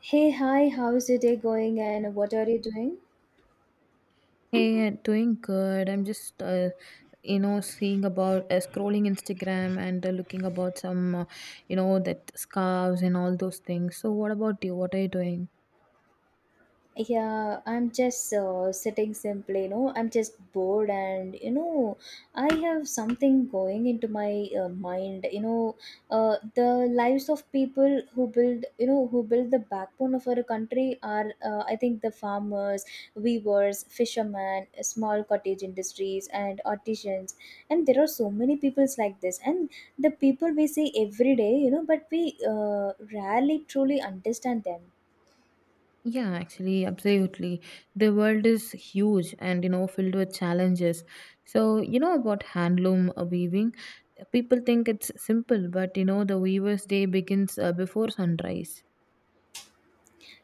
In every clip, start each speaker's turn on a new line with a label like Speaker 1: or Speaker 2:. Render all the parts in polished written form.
Speaker 1: Hey, hi, how's your day going and what are you doing?
Speaker 2: Doing good. I'm just seeing about scrolling Instagram and looking about that scarves and all those things. So, what about you? What are you doing?
Speaker 1: Yeah, I'm just sitting simply, I'm just bored, I have something going into my mind, the lives of people who build the backbone of our country are, I think, the farmers, weavers, fishermen, small cottage industries and artisans. And there are so many peoples like this. And the people we see every day, but we rarely truly understand them.
Speaker 2: Yeah, actually, absolutely. The world is huge and, you know, filled with challenges. So, you know, about handloom weaving, people think it's simple, but, you know, the weaver's day begins before sunrise.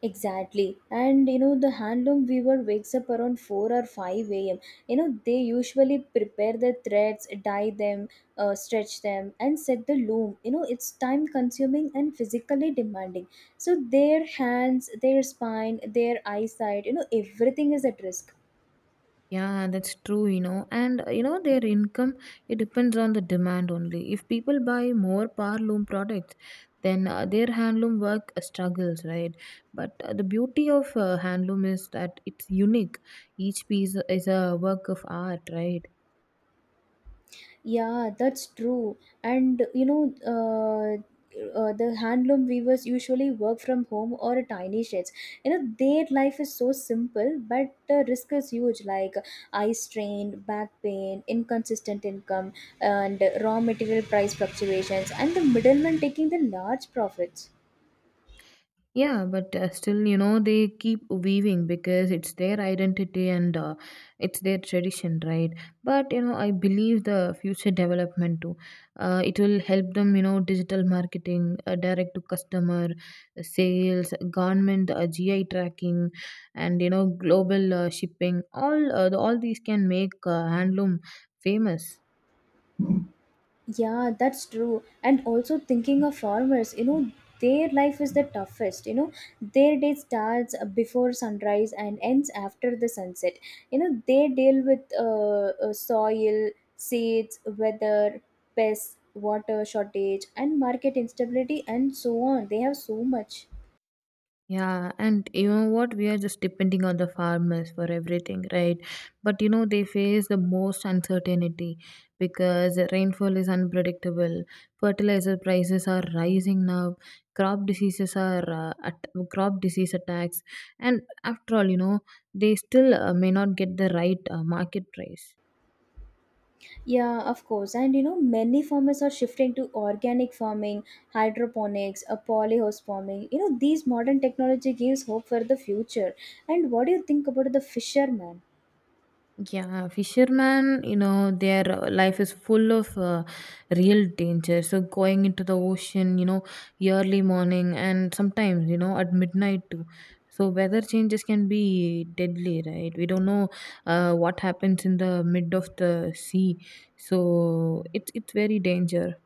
Speaker 1: Exactly. And you know, the handloom weaver wakes up around 4 or 5 a.m. You know, they usually prepare the threads, dye them, stretch them, and set the loom. You know, it's time consuming and physically demanding. So, their hands, their spine, their eyesight, everything is at risk.
Speaker 2: Yeah, that's true, you know. And you know, their income, it depends on the demand only. If people buy more power loom products, then their handloom work struggles, right? But the beauty of handloom is that it's unique. Each piece is a work of art, right?
Speaker 1: Yeah, that's true. And the handloom weavers usually work from home or tiny sheds. You know, their life is so simple, but the risk is huge, like eye strain, back pain, inconsistent income, and raw material price fluctuations, and the middlemen taking the large profits.
Speaker 2: Yeah, but still, you know, they keep weaving because it's their identity and it's their tradition, right? But, you know, I believe the future development too. It will help them, you know, digital marketing, direct to customer, sales, government, GI tracking, and, you know, global shipping. All these can make handloom famous.
Speaker 1: Yeah, that's true. And also thinking of farmers, their life is the toughest. You know, their day starts before sunrise and ends after the sunset. They deal with soil, seeds, weather, pests, water shortage, and market instability, and so on. They have so much.
Speaker 2: Yeah, and you know what? We are just depending on the farmers for everything, right? But you know, they face the most uncertainty because rainfall is unpredictable, fertilizer prices are rising now, crop diseases are uh, at, crop disease attacks, and after all, you know, they still may not get the right market price.
Speaker 1: Yeah, of course. And you know, many farmers are shifting to organic farming, hydroponics, a polyhouse farming. You know, these modern technology gives hope for the future. And what do you think about the fishermen?
Speaker 2: Yeah, fisherman, you know, their life is full of real danger. So going into the ocean, you know, early morning and sometimes, you know, at midnight too. So weather changes can be deadly, right? We don't know what happens in the mid of the sea. So it's very danger.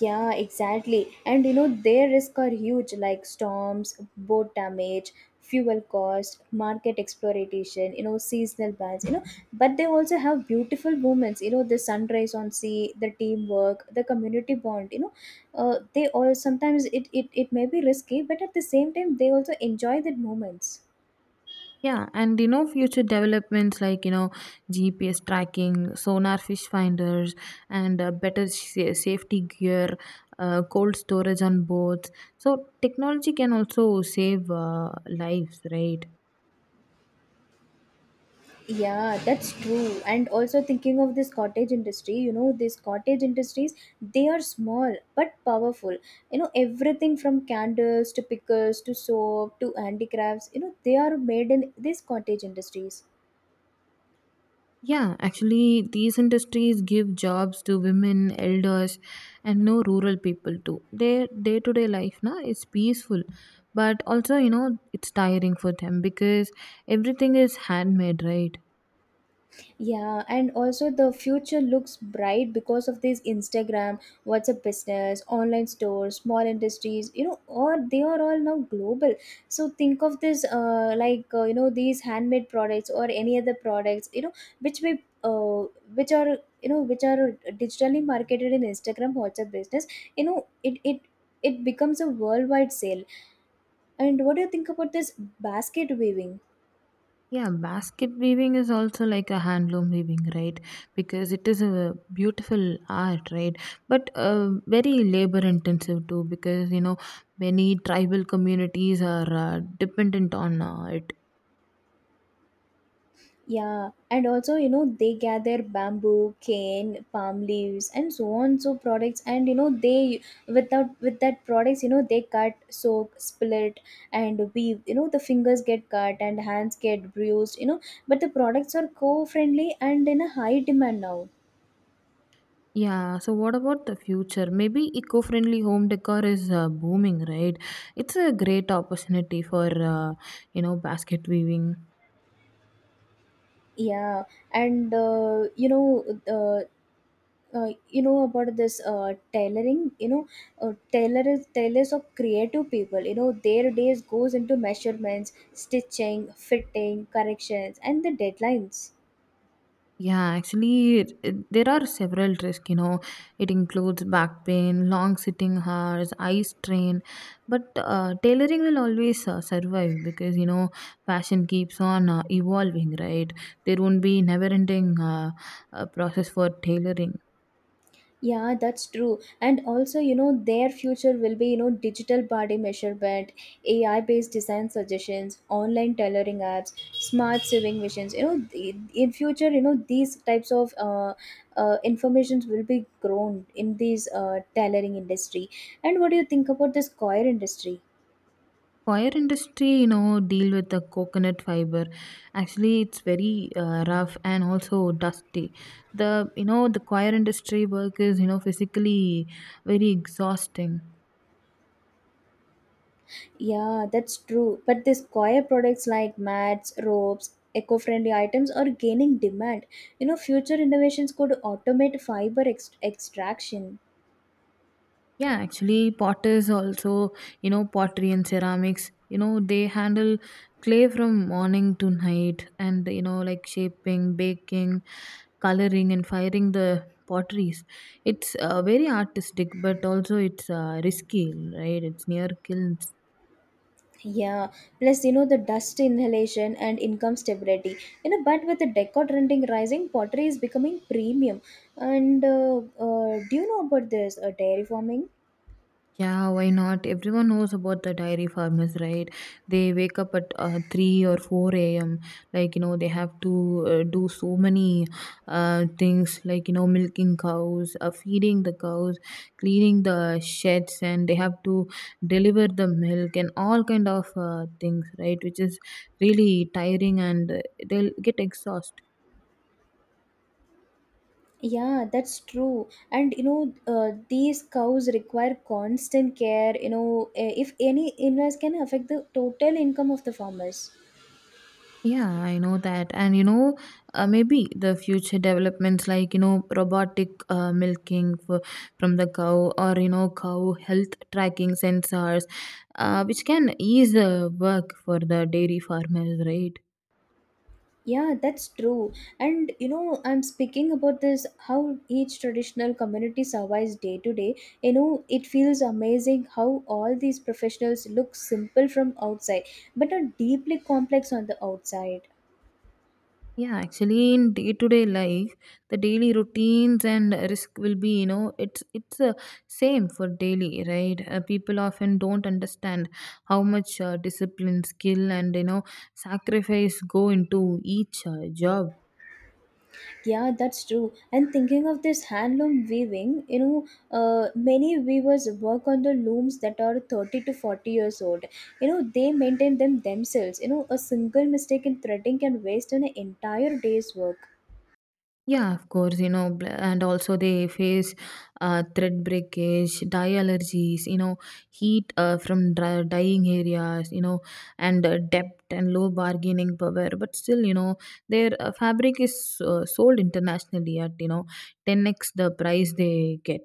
Speaker 1: Yeah, exactly. And you know, their risks are huge, like storms, boat damage, fuel cost, market exploitation, seasonal bans. But they also have beautiful moments, the sunrise on sea, the teamwork, the community bond. They all sometimes it may be risky, but at the same time, they also enjoy the moments.
Speaker 2: Yeah, and you know, future developments like you know, GPS tracking, sonar fish finders, and safety gear, cold storage on boats. So, technology can also save lives, right?
Speaker 1: Yeah, that's true. And also thinking of this cottage industry, these cottage industries, they are small but powerful. Everything from candles to pickles to soap to handicrafts, they are made in these cottage industries.
Speaker 2: Yeah, actually, these industries give jobs to women, elders, and no rural people too. Their day to day life na, is peaceful, but also, you know, it's tiring for them because everything is handmade, right?
Speaker 1: Yeah, and also the future looks bright because of this Instagram, WhatsApp business, online stores, small industries, all they are all now global. So think of this you know these handmade products or any other products, which we which are you know which are digitally marketed in Instagram, WhatsApp business, you know, it becomes a worldwide sale. And what do you think about this basket weaving?
Speaker 2: Yeah, basket weaving is also like a handloom weaving, right? Because it is a beautiful art, right? But very labor intensive too, because you know many tribal communities are dependent on it.
Speaker 1: Yeah, and also, they gather bamboo, cane, palm leaves, and so on, so products. And you know, they without with that products, they cut, soak, split, and weave. You know, the fingers get cut and hands get bruised. But the products are co-friendly and in a high demand now.
Speaker 2: Yeah. So what about the future? Maybe eco-friendly home decor is booming, right? It's a great opportunity for uh, you know basket weaving.
Speaker 1: Yeah, and you know about this tailoring. You know tailors of creative people. You know, their days goes into measurements, stitching, fitting corrections and the deadlines.
Speaker 2: Yeah, actually, there are several risks. You know, it includes back pain, long sitting hours, eye strain. But tailoring will always survive because you know fashion keeps on evolving, right? There won't be never-ending process for tailoring.
Speaker 1: Yeah, that's true. And also, you know, their future will be, digital body measurement, AI based design suggestions, online tailoring apps, smart sewing machines. You know, in future, these types of informations will be grown in these tailoring industry. And what do you think about this choir industry?
Speaker 2: Wire industry, you know, deal with the coconut fiber. Actually, it's very rough and also dusty. The you know the choir industry work is you know physically very exhausting.
Speaker 1: Yeah, that's true. But these coir products like mats, ropes, eco-friendly items are gaining demand. You know, future innovations could automate fiber extraction.
Speaker 2: Yeah, actually, potters also, you know, pottery and ceramics, you know, they handle clay from morning to night and, you know, like shaping, baking, coloring, and firing the potteries. It's very artistic, but also it's risky, right? It's near kilns.
Speaker 1: Yeah, plus you know the dust inhalation and income stability. You know, but with the decor trending rising, pottery is becoming premium. And do you know about this dairy farming?
Speaker 2: Yeah, why not? Everyone knows about the dairy farmers, right? They wake up at 3 or 4 a.m. Like, you know, they have to do so many things like, you know, milking cows, feeding the cows, cleaning the sheds, and they have to deliver the milk and all kind of things, right? Which is really tiring and they'll get exhausted.
Speaker 1: Yeah, that's true. And these cows require constant care. You know, eh, if any illness can affect the total income of the farmers.
Speaker 2: Yeah, I know that. And you know, maybe the future developments like, you know, robotic milking from the cow or, you know, cow health tracking sensors, which can ease the work for the dairy farmers, right?
Speaker 1: Yeah, that's true. And you know, I'm speaking about this how each traditional community survives day to day. You know, it feels amazing how all these professionals look simple from outside, but are deeply complex on the outside.
Speaker 2: Yeah, actually, in day-to-day life, the daily routines and risk will be, you know, it's same for daily, right? People often don't understand how much discipline, skill, and you know, sacrifice go into each job.
Speaker 1: Yeah, that's true. And thinking of this handloom weaving, many weavers work on the looms that are 30 to 40 years old. You know, they maintain them themselves. You know, a single mistake in threading can waste an entire day's work.
Speaker 2: Yeah, of course, you know, and also they face thread breakage, dye allergies, you know, heat from dyeing areas, you know, and depth and low bargaining power. But still, you know, their fabric is sold internationally at, you know, 10x the price they get.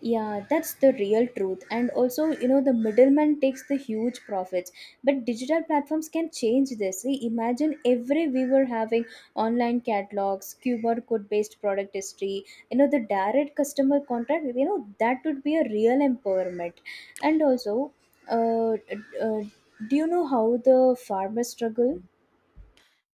Speaker 1: Yeah, that's the real truth. And also, the middleman takes the huge profits. But digital platforms can change this. See, imagine every viewer having online catalogs, QR code based product history, the direct customer contact, that would be a real empowerment. And also, uh, uh, do you know how the farmers struggle?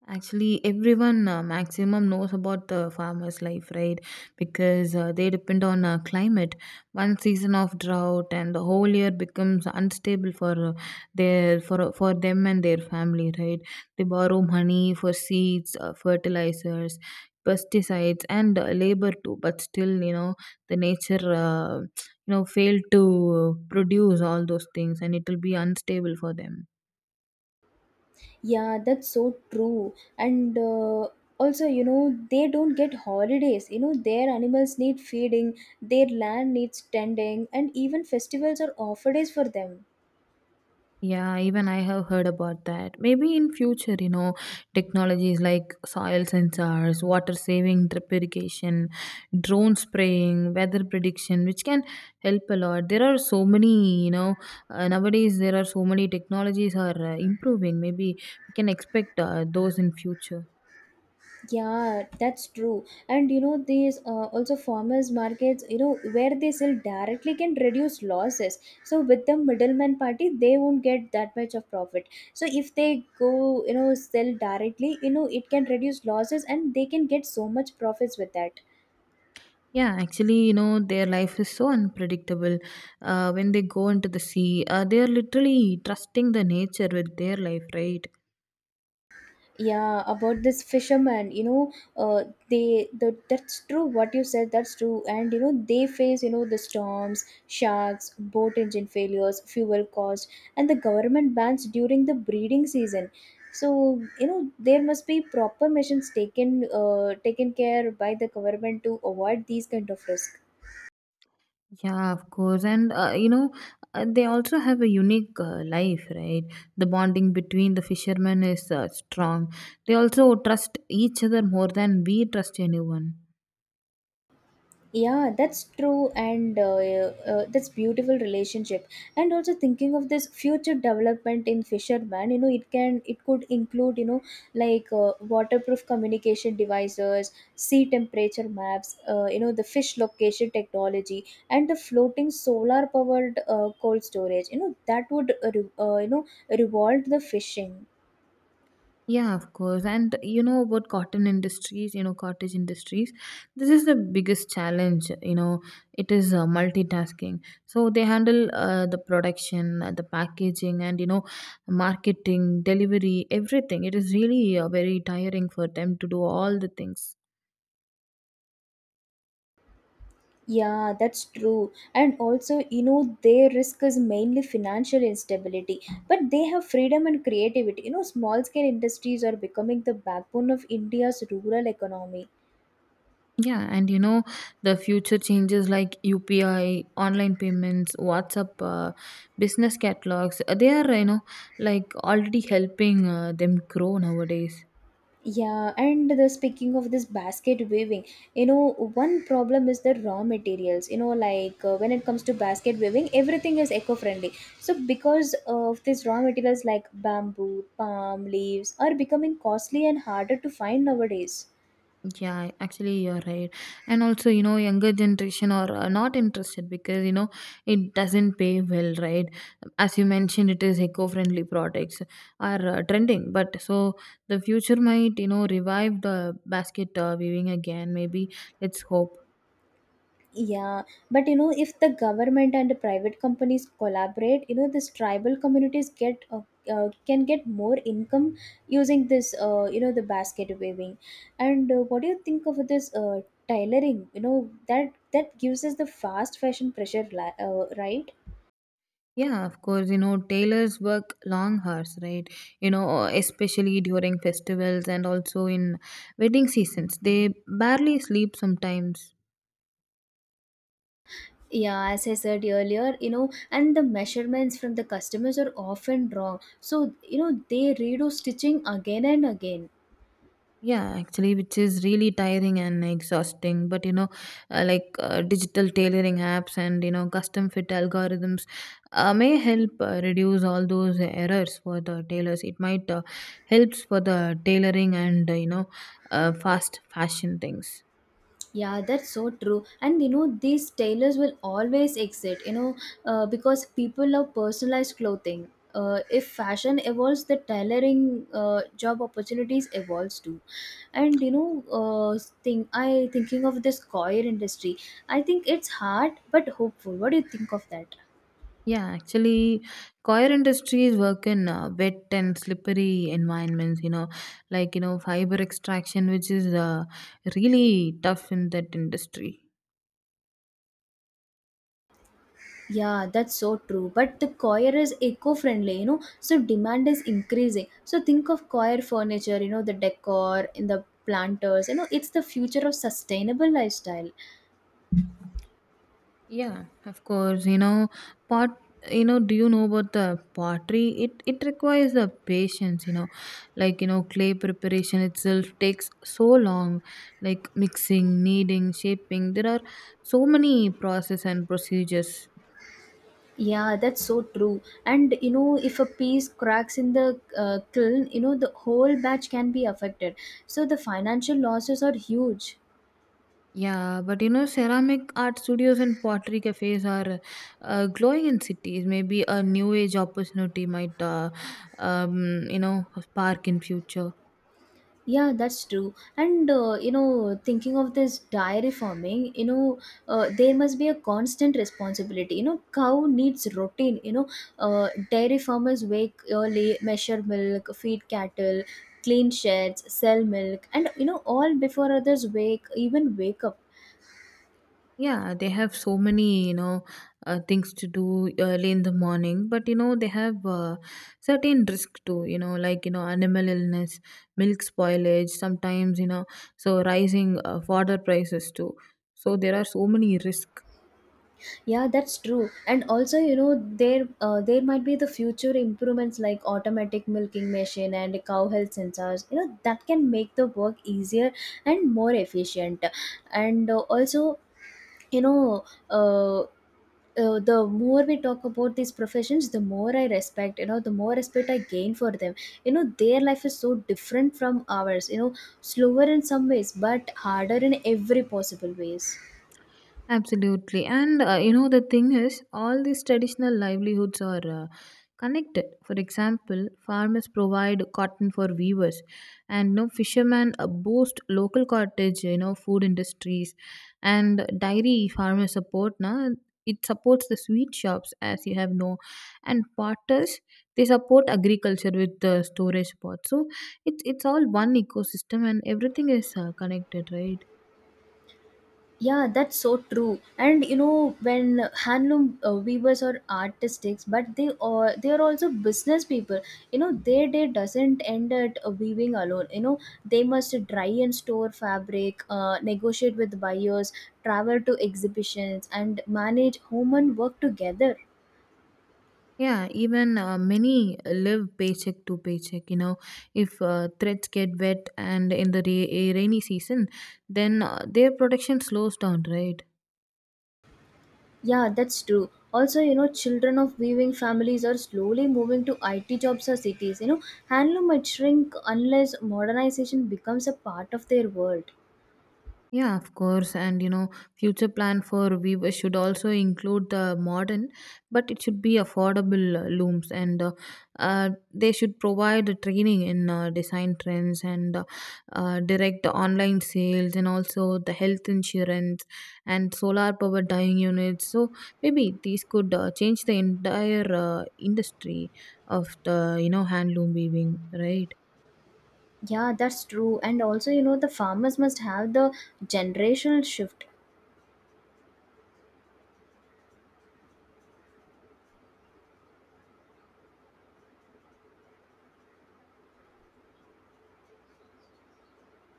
Speaker 2: Actually, everyone maximum knows about the farmer's life, right? Because they depend on climate. One season of drought and the whole year becomes unstable for their for them and their family, right? They borrow money for seeds, fertilizers, pesticides, and labor too. But still, you know, the nature you know failed to produce all those things and it will be unstable for them.
Speaker 1: Yeah, that's so true. And also, they don't get holidays. You know, their animals need feeding, their land needs tending, and even festivals are off days for them.
Speaker 2: Yeah, even I have heard about that. Maybe in future, you know, technologies like soil sensors, water saving drip irrigation, drone spraying, weather prediction, which can help a lot. There are so many, you know, nowadays there are so many technologies are improving. Maybe we can expect those in future.
Speaker 1: Yeah, that's true. And you know, these also farmers markets, where they sell directly can reduce losses. So with the middleman party, they won't get that much of profit. So if they go, sell directly, it can reduce losses and they can get so much profits with that.
Speaker 2: Yeah, actually, you know, their life is so unpredictable. When they go into the sea, they are literally trusting the nature with their life, right?
Speaker 1: Yeah, about this fisherman, you know, that's true what you said, that's true. And you know, they face, you know, the storms, sharks, boat engine failures, fuel cost, and the government bans during the breeding season. So you know there must be proper measures taken care by the government to avoid these kind of risk.
Speaker 2: Yeah, of course. And they also have a unique life, right? The bonding between the fishermen is strong. They also trust each other more than we trust anyone.
Speaker 1: Yeah, that's true. And that's beautiful relationship. And also thinking of this future development in fisherman, you know, it could include, you know, like waterproof communication devices, sea temperature maps, you know, the fish location technology, and the floating solar powered cold storage. You know that would you know revolve the fishing.
Speaker 2: Yeah, of course. And you know about cotton industries, you know, cottage industries. This is the biggest challenge, you know, it is multitasking. So they handle the production, the packaging, and, you know, marketing, delivery, everything. It is really very tiring for them to do all the things.
Speaker 1: Yeah, that's true. And also, their risk is mainly financial instability, but they have freedom and creativity. You know, small scale industries are becoming the backbone of India's rural economy.
Speaker 2: Yeah, and you know, the future changes like UPI, online payments, WhatsApp, business catalogs, they are, you know, like already helping them grow nowadays.
Speaker 1: Yeah, and the speaking of this basket weaving, one problem is the raw materials. You know, like when it comes to basket weaving, everything is eco friendly. So, because of these raw materials like bamboo, palm leaves are becoming costly and harder to find nowadays.
Speaker 2: Yeah, actually, you're right. And also, you know, younger generation are not interested because, you know, it doesn't pay well, right? As you mentioned, it is eco-friendly products are trending. But so the future might, you know, revive the basket weaving again. Maybe let's hope.
Speaker 1: Yeah, but you know, if the government and the private companies collaborate, these tribal communities get can get more income using this, you know, the basket weaving. And what do you think of this tailoring? You know, that gives us the fast fashion pressure, right?
Speaker 2: Yeah, of course, you know, tailors work long hours, right? You know, especially during festivals and also in wedding seasons. They barely sleep sometimes.
Speaker 1: Yeah, as I said earlier, and the measurements from the customers are often wrong. So, they redo stitching again and again.
Speaker 2: Yeah, actually, which is really tiring and exhausting. But, you know, like digital tailoring apps and, you know, custom fit algorithms may help reduce all those errors for the tailors. It might helps for the tailoring and, you know, fast fashion things.
Speaker 1: Yeah, that's so true. And you know, these tailors will always exist. Because people love personalized clothing. If fashion evolves, the tailoring job opportunities evolves too. And thing I thinking of this coir industry. I think it's hard but hopeful. What do you think of that?
Speaker 2: Yeah, actually, coir industries work in wet and slippery environments, you know, like, you know, fiber extraction, which is really tough in that industry.
Speaker 1: Yeah, that's so true. But the coir is eco-friendly, so demand is increasing. So think of coir furniture, the decor in the planters, it's the future of sustainable lifestyle.
Speaker 2: Yeah, of course, you know, pot, you know, do you know about the pottery? It requires the patience, you know, like, you know, clay preparation itself takes so long, like mixing, kneading, shaping. There are so many process and procedures.
Speaker 1: Yeah, that's so true. And you know, if a piece cracks in the kiln, the whole batch can be affected. So the financial losses are huge.
Speaker 2: Yeah, but you know, ceramic art studios and pottery cafes are glowing in cities. Maybe a new age opportunity might, you know, spark in future.
Speaker 1: Yeah, that's true. And you know, thinking of this dairy farming, there must be a constant responsibility. You know, cow needs routine. Dairy farmers wake early, measure milk, feed cattle, clean sheds, sell milk, and you know, all before others wake even wake up.
Speaker 2: Yeah, they have so many, you know, things to do early in the morning. But you know, they have certain risk too. You know, like you know, animal illness, milk spoilage. Sometimes you know, so rising fodder prices too. So there are so many risks.
Speaker 1: Yeah, that's true. And also, there there might be the future improvements like automatic milking machine and cow health sensors. You know, that can make the work easier and more efficient. And also, you know, uh, the more we talk about these professions, the more I respect, you know, the more respect I gain for them. You know, their life is so different from ours, you know, slower in some ways but harder in every possible ways.
Speaker 2: Absolutely. And you know, the thing is, all these traditional livelihoods are connected. For example, farmers provide cotton for weavers, and you know, fishermen boost local cottage, you know, food industries, and dairy farmers support. Na, it supports the sweet shops, as you have know, and potters, they support agriculture with the storage pots. So it's all one ecosystem, and everything is connected, right?
Speaker 1: Yeah, that's so true. And you know, when handloom weavers are artistics, but they are also business people. You know, their day doesn't end at weaving alone. You know, they must dry and store fabric, negotiate with buyers, travel to exhibitions, and manage home and work together.
Speaker 2: Yeah, even many live paycheck to paycheck. You know, if threads get wet and in the ra- a rainy season, then their production slows down, right?
Speaker 1: Yeah, that's true. Also, you know, children of weaving families are slowly moving to IT jobs or cities. You know, handloom might shrink unless modernization becomes a part of their world.
Speaker 2: Yeah, of course. And you know, future plan for weaver should also include the modern, but it should be affordable looms, and they should provide the training in design trends and direct online sales, and also the health insurance and solar power dyeing units. So maybe these could change the entire industry of the you know handloom weaving, right?
Speaker 1: Yeah, that's true. And also, you know, the farmers must have the generational shift.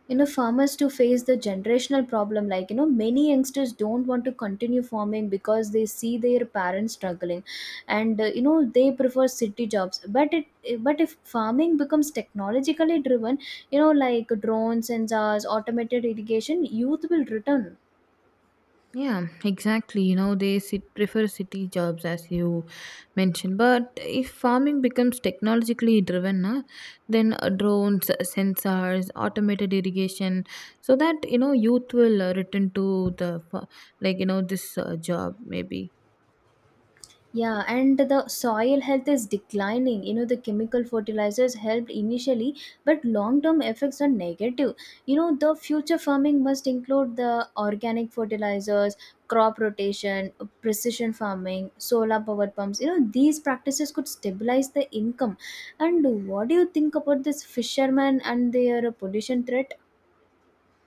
Speaker 1: You know, farmers to face the generational problem. Like, you know, many youngsters don't want to continue farming because they see their parents struggling, and you know they prefer city jobs. But if farming becomes technologically driven, you know, like drones, sensors, automated irrigation, youth will return.
Speaker 2: Yeah, exactly. You know, they sit, prefer city jobs as you mentioned. But if farming becomes technologically driven, na, then drones, sensors, automated irrigation, so that you know youth will return to the like you know this job maybe.
Speaker 1: Yeah, and the soil health is declining. You know, the chemical fertilizers helped initially, but long term effects are negative. You know, the future farming must include the organic fertilizers, crop rotation, precision farming, solar power pumps. You know, these practices could stabilize the income. And what do you think about this fishermen and their pollution threat?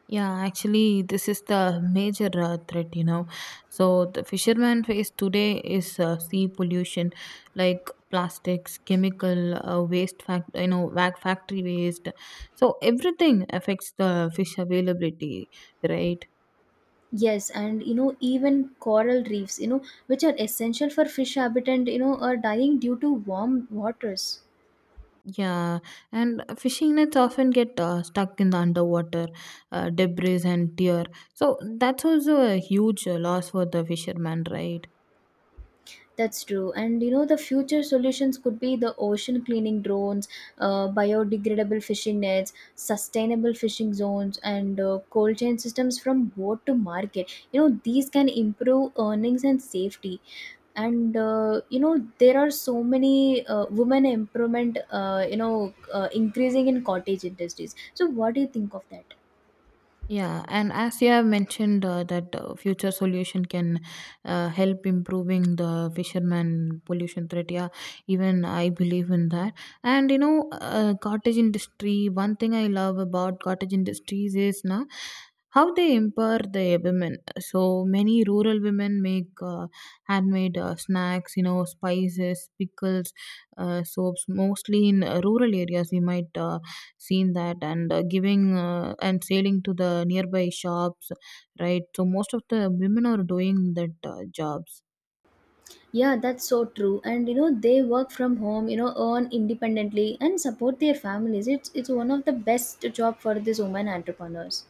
Speaker 2: Yeah, actually, this is the major threat, you know. So, the fisherman face today is sea pollution like plastics, chemical waste, factory waste. So, everything affects the fish availability, right?
Speaker 1: Yes, and you know, even coral reefs, you know, which are essential for fish habitat, you know, are dying due to warm waters.
Speaker 2: Yeah, and fishing nets often get stuck in the underwater debris and tear. So, that's also a huge loss for the fisherman, right?
Speaker 1: That's true. And you know, the future solutions could be the ocean cleaning drones, biodegradable fishing nets, sustainable fishing zones, and cold chain systems from boat to market. You know, these can improve earnings and safety. And you know, there are so many women improvement, you know, increasing in cottage industries. So, what do you think of that?
Speaker 2: Yeah, and as you have mentioned that future solution can help improving the fisherman pollution threat. Yeah, even I believe in that. And you know, cottage industry. One thing I love about cottage industries is now how they empower the women. So many rural women make handmade snacks. You know, spices, pickles, soaps. Mostly in rural areas, we might. Seen that and giving and selling to the nearby shops, right? So most of the women are doing that jobs.
Speaker 1: Yeah, that's so true. And you know, they work from home, you know, earn independently and support their families. It's one of the best job for these women entrepreneurs.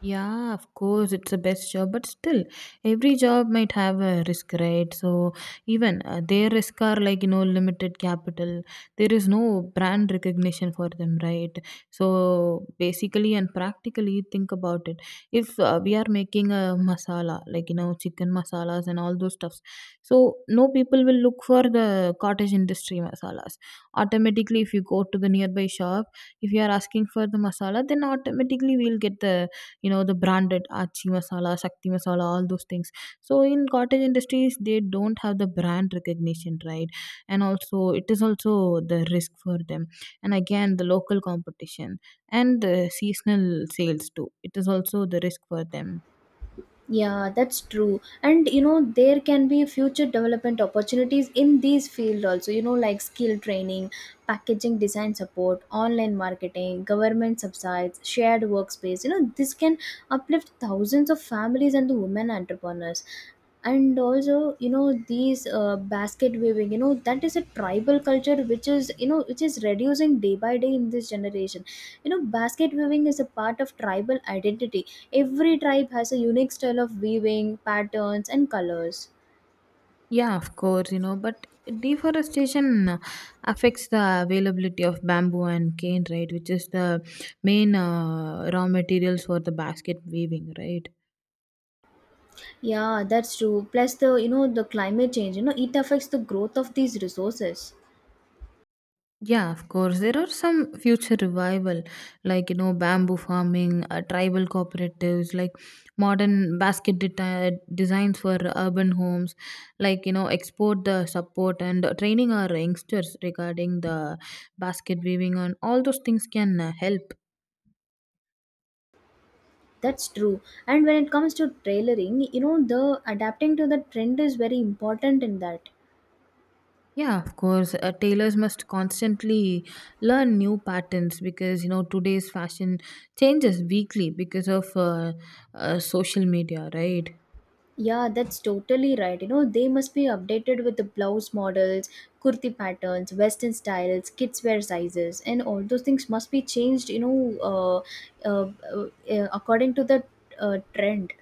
Speaker 2: Yeah, of course, it's the best job, but still, every job might have a risk, right? So, even their risk are like, you know, limited capital. There is no brand recognition for them, right? So, basically and practically, think about it. If we are making a masala, like, you know, chicken masalas and all those stuffs, so no people will look for the cottage industry masalas. Automatically, if you go to the nearby shop, if you are asking for the masala, then automatically we'll get the, you know, the branded Achi masala, Shakti masala, all those things. So in cottage industries, they don't have the brand recognition, right? And also, it is also the risk for them. And again, the local competition and the seasonal sales too. It is also the risk for them.
Speaker 1: Yeah, that's true. And you know, there can be future development opportunities in these field also, you know, like skill training, packaging design support, online marketing, government subsidies, shared workspace. You know, this can uplift thousands of families and the women entrepreneurs. And also, you know, these basket weaving, you know, that is a tribal culture which is, you know, which is reducing day by day in this generation. You know, basket weaving is a part of tribal identity. Every tribe has a unique style of weaving patterns and colors.
Speaker 2: Yeah, of course, you know, but deforestation affects the availability of bamboo and cane, right? Which is the main raw materials for the basket weaving, right?
Speaker 1: Yeah, that's true, plus the, you know, the climate change, you know, it affects the growth of these resources.
Speaker 2: Yeah, of course. There are some future revival, like you know, bamboo farming, tribal cooperatives, like modern basket designs for urban homes, like you know, export the support and training our youngsters regarding the basket weaving and all those things can help.
Speaker 1: That's true. And when it comes to tailoring, you know, the adapting to the trend is very important in that.
Speaker 2: Yeah, of course. Tailors must constantly learn new patterns because you know today's fashion changes weekly because of social media, right?
Speaker 1: Yeah, that's totally right. You know, they must be updated with the blouse models, kurti patterns, western styles, kids wear sizes, and all those things must be changed, you know, uh, uh, according to the trend.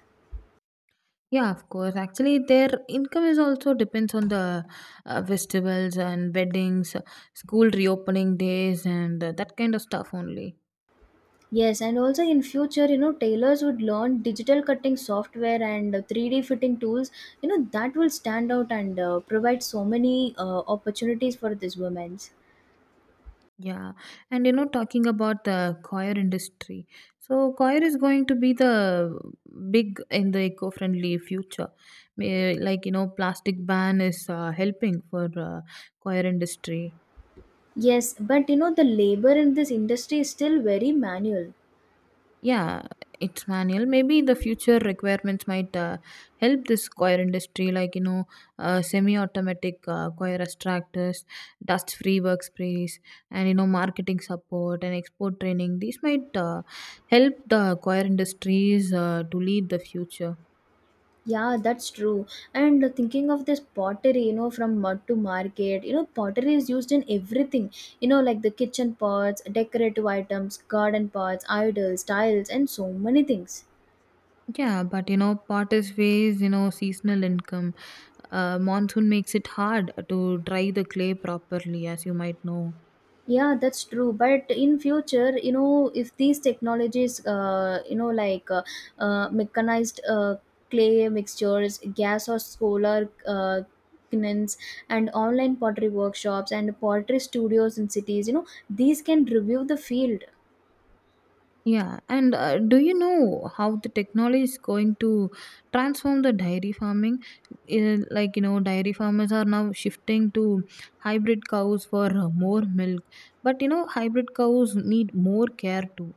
Speaker 2: Yeah, of course. Actually, their income is also depends on the festivals and weddings, school reopening days, and that kind of stuff only.
Speaker 1: Yes, and also in future, you know, tailors would learn digital cutting software and 3D fitting tools. You know, that will stand out and provide so many opportunities for these women.
Speaker 2: Yeah, and you know, talking about the choir industry, so choir is going to be the big in the eco-friendly future. Like you know, plastic ban is helping for choir industry.
Speaker 1: Yes, but you know, the labor in this industry is still very manual.
Speaker 2: Yeah, it's manual. Maybe the future requirements might help this choir industry, like you know, semi-automatic choir extractors, dust-free workspace, and you know, marketing support and export training. These might help the choir industries to lead the future.
Speaker 1: Yeah, that's true. And thinking of this pottery, you know, from mud to market, you know, pottery is used in everything, you know, like the kitchen pots, decorative items, garden pots, idols, tiles, and so many things.
Speaker 2: Yeah, but you know, part is ways, you know, seasonal income. Monsoon makes it hard to dry the clay properly, as you might know.
Speaker 1: Yeah, that's true. But in future, you know, if these technologies, you know, like mechanized clay mixtures, gas or solar kilns, and online pottery workshops and pottery studios in cities, you know, these can review the field.
Speaker 2: Yeah, and do you know how the technology is going to transform the dairy farming? Like, you know, dairy farmers are now shifting to hybrid cows for more milk. But, you know, hybrid cows need more care too.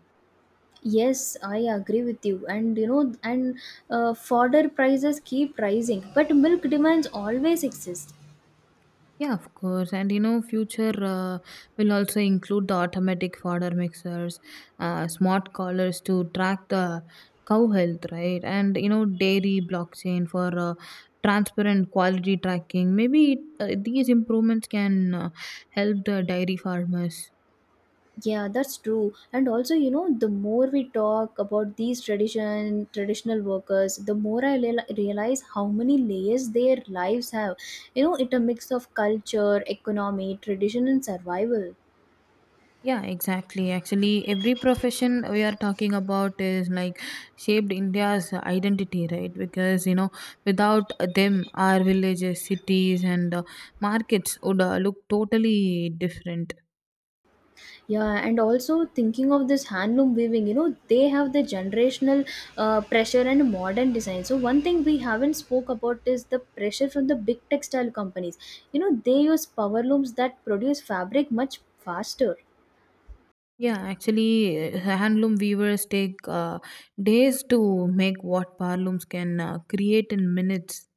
Speaker 1: Yes, I agree with you. And you know, and fodder prices keep rising, but milk demands always exist.
Speaker 2: Yeah, of course. And you know, future will also include the automatic fodder mixers, smart collars to track the cow health, right? And you know, dairy blockchain for transparent quality tracking. Maybe these improvements can help the dairy farmers.
Speaker 1: Yeah, that's true. And also, you know, the more we talk about these traditional workers, the more I realize how many layers their lives have. You know, it' a mix of culture, economy, tradition, and survival.
Speaker 2: Yeah, exactly. Actually, every profession we are talking about is like shaped India's identity, right? Because you know, without them, our villages, cities, and markets would look totally different.
Speaker 1: Yeah, and also thinking of this handloom weaving, you know, they have the generational pressure and modern design. So one thing we haven't spoke about is the pressure from the big textile companies. You know, they use power looms that produce fabric much faster.
Speaker 2: Yeah, actually, handloom weavers take days to make what parlooms can create in minutes.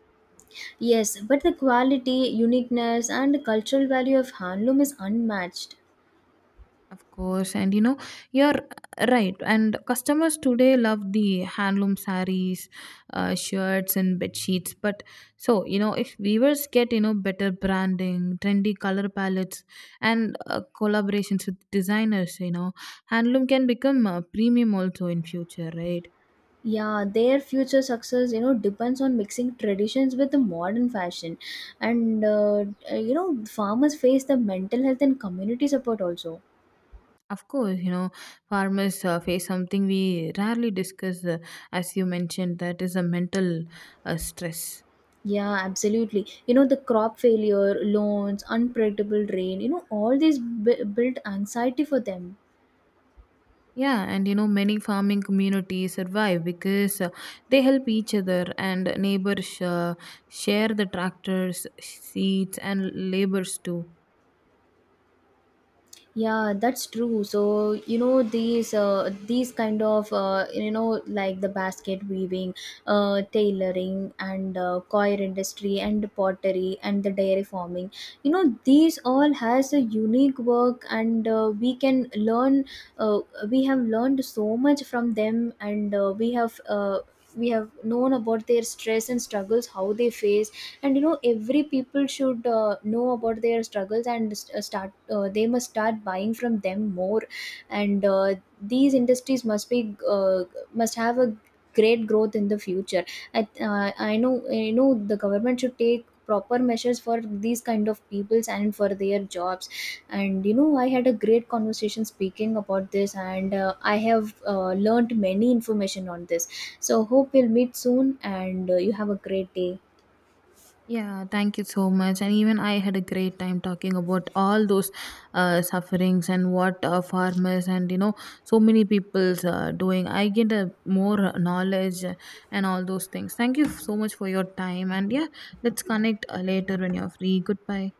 Speaker 1: Yes, but the quality, uniqueness, and cultural value of handloom is unmatched.
Speaker 2: Of course, and you know, you're right. And customers today love the handloom saris, shirts, and bed sheets. But so, you know, if viewers get, you know, better branding, trendy color palettes, and collaborations with designers, you know, handloom can become premium also in future, right?
Speaker 1: Yeah, their future success, you know, depends on mixing traditions with the modern fashion, and you know, farmers face the mental health and community support also.
Speaker 2: Of course, you know, farmers face something we rarely discuss, as you mentioned, that is a mental stress.
Speaker 1: Yeah, absolutely. You know, the crop failure, loans, unpredictable rain, you know, all these build anxiety for them.
Speaker 2: Yeah, and you know, many farming communities survive because they help each other and neighbors share the tractors, seeds, and labors too.
Speaker 1: Yeah, that's true. So you know these kind of, you know, like the basket weaving, tailoring, and coir industry, and pottery, and the dairy farming. You know these all has a unique work, and we can learn. Uh, we have learned so much from them, and we have. We have known about their stress and struggles, how they face. And you know every people should know about their struggles and start, they must start buying from them more. And these industries must be, uh, must have a great growth in the future. I know, you know, the government should take proper measures for these kind of peoples and for their jobs. And you know I had a great conversation speaking about this, and I have learned many information on this. So hope we'll meet soon, and you have a great day.
Speaker 2: Yeah, thank you so much. And even I had a great time talking about all those sufferings and what farmers and you know, so many people's doing. I get a more knowledge and all those things. Thank you so much for your time. And yeah, let's connect later when you're free. Goodbye.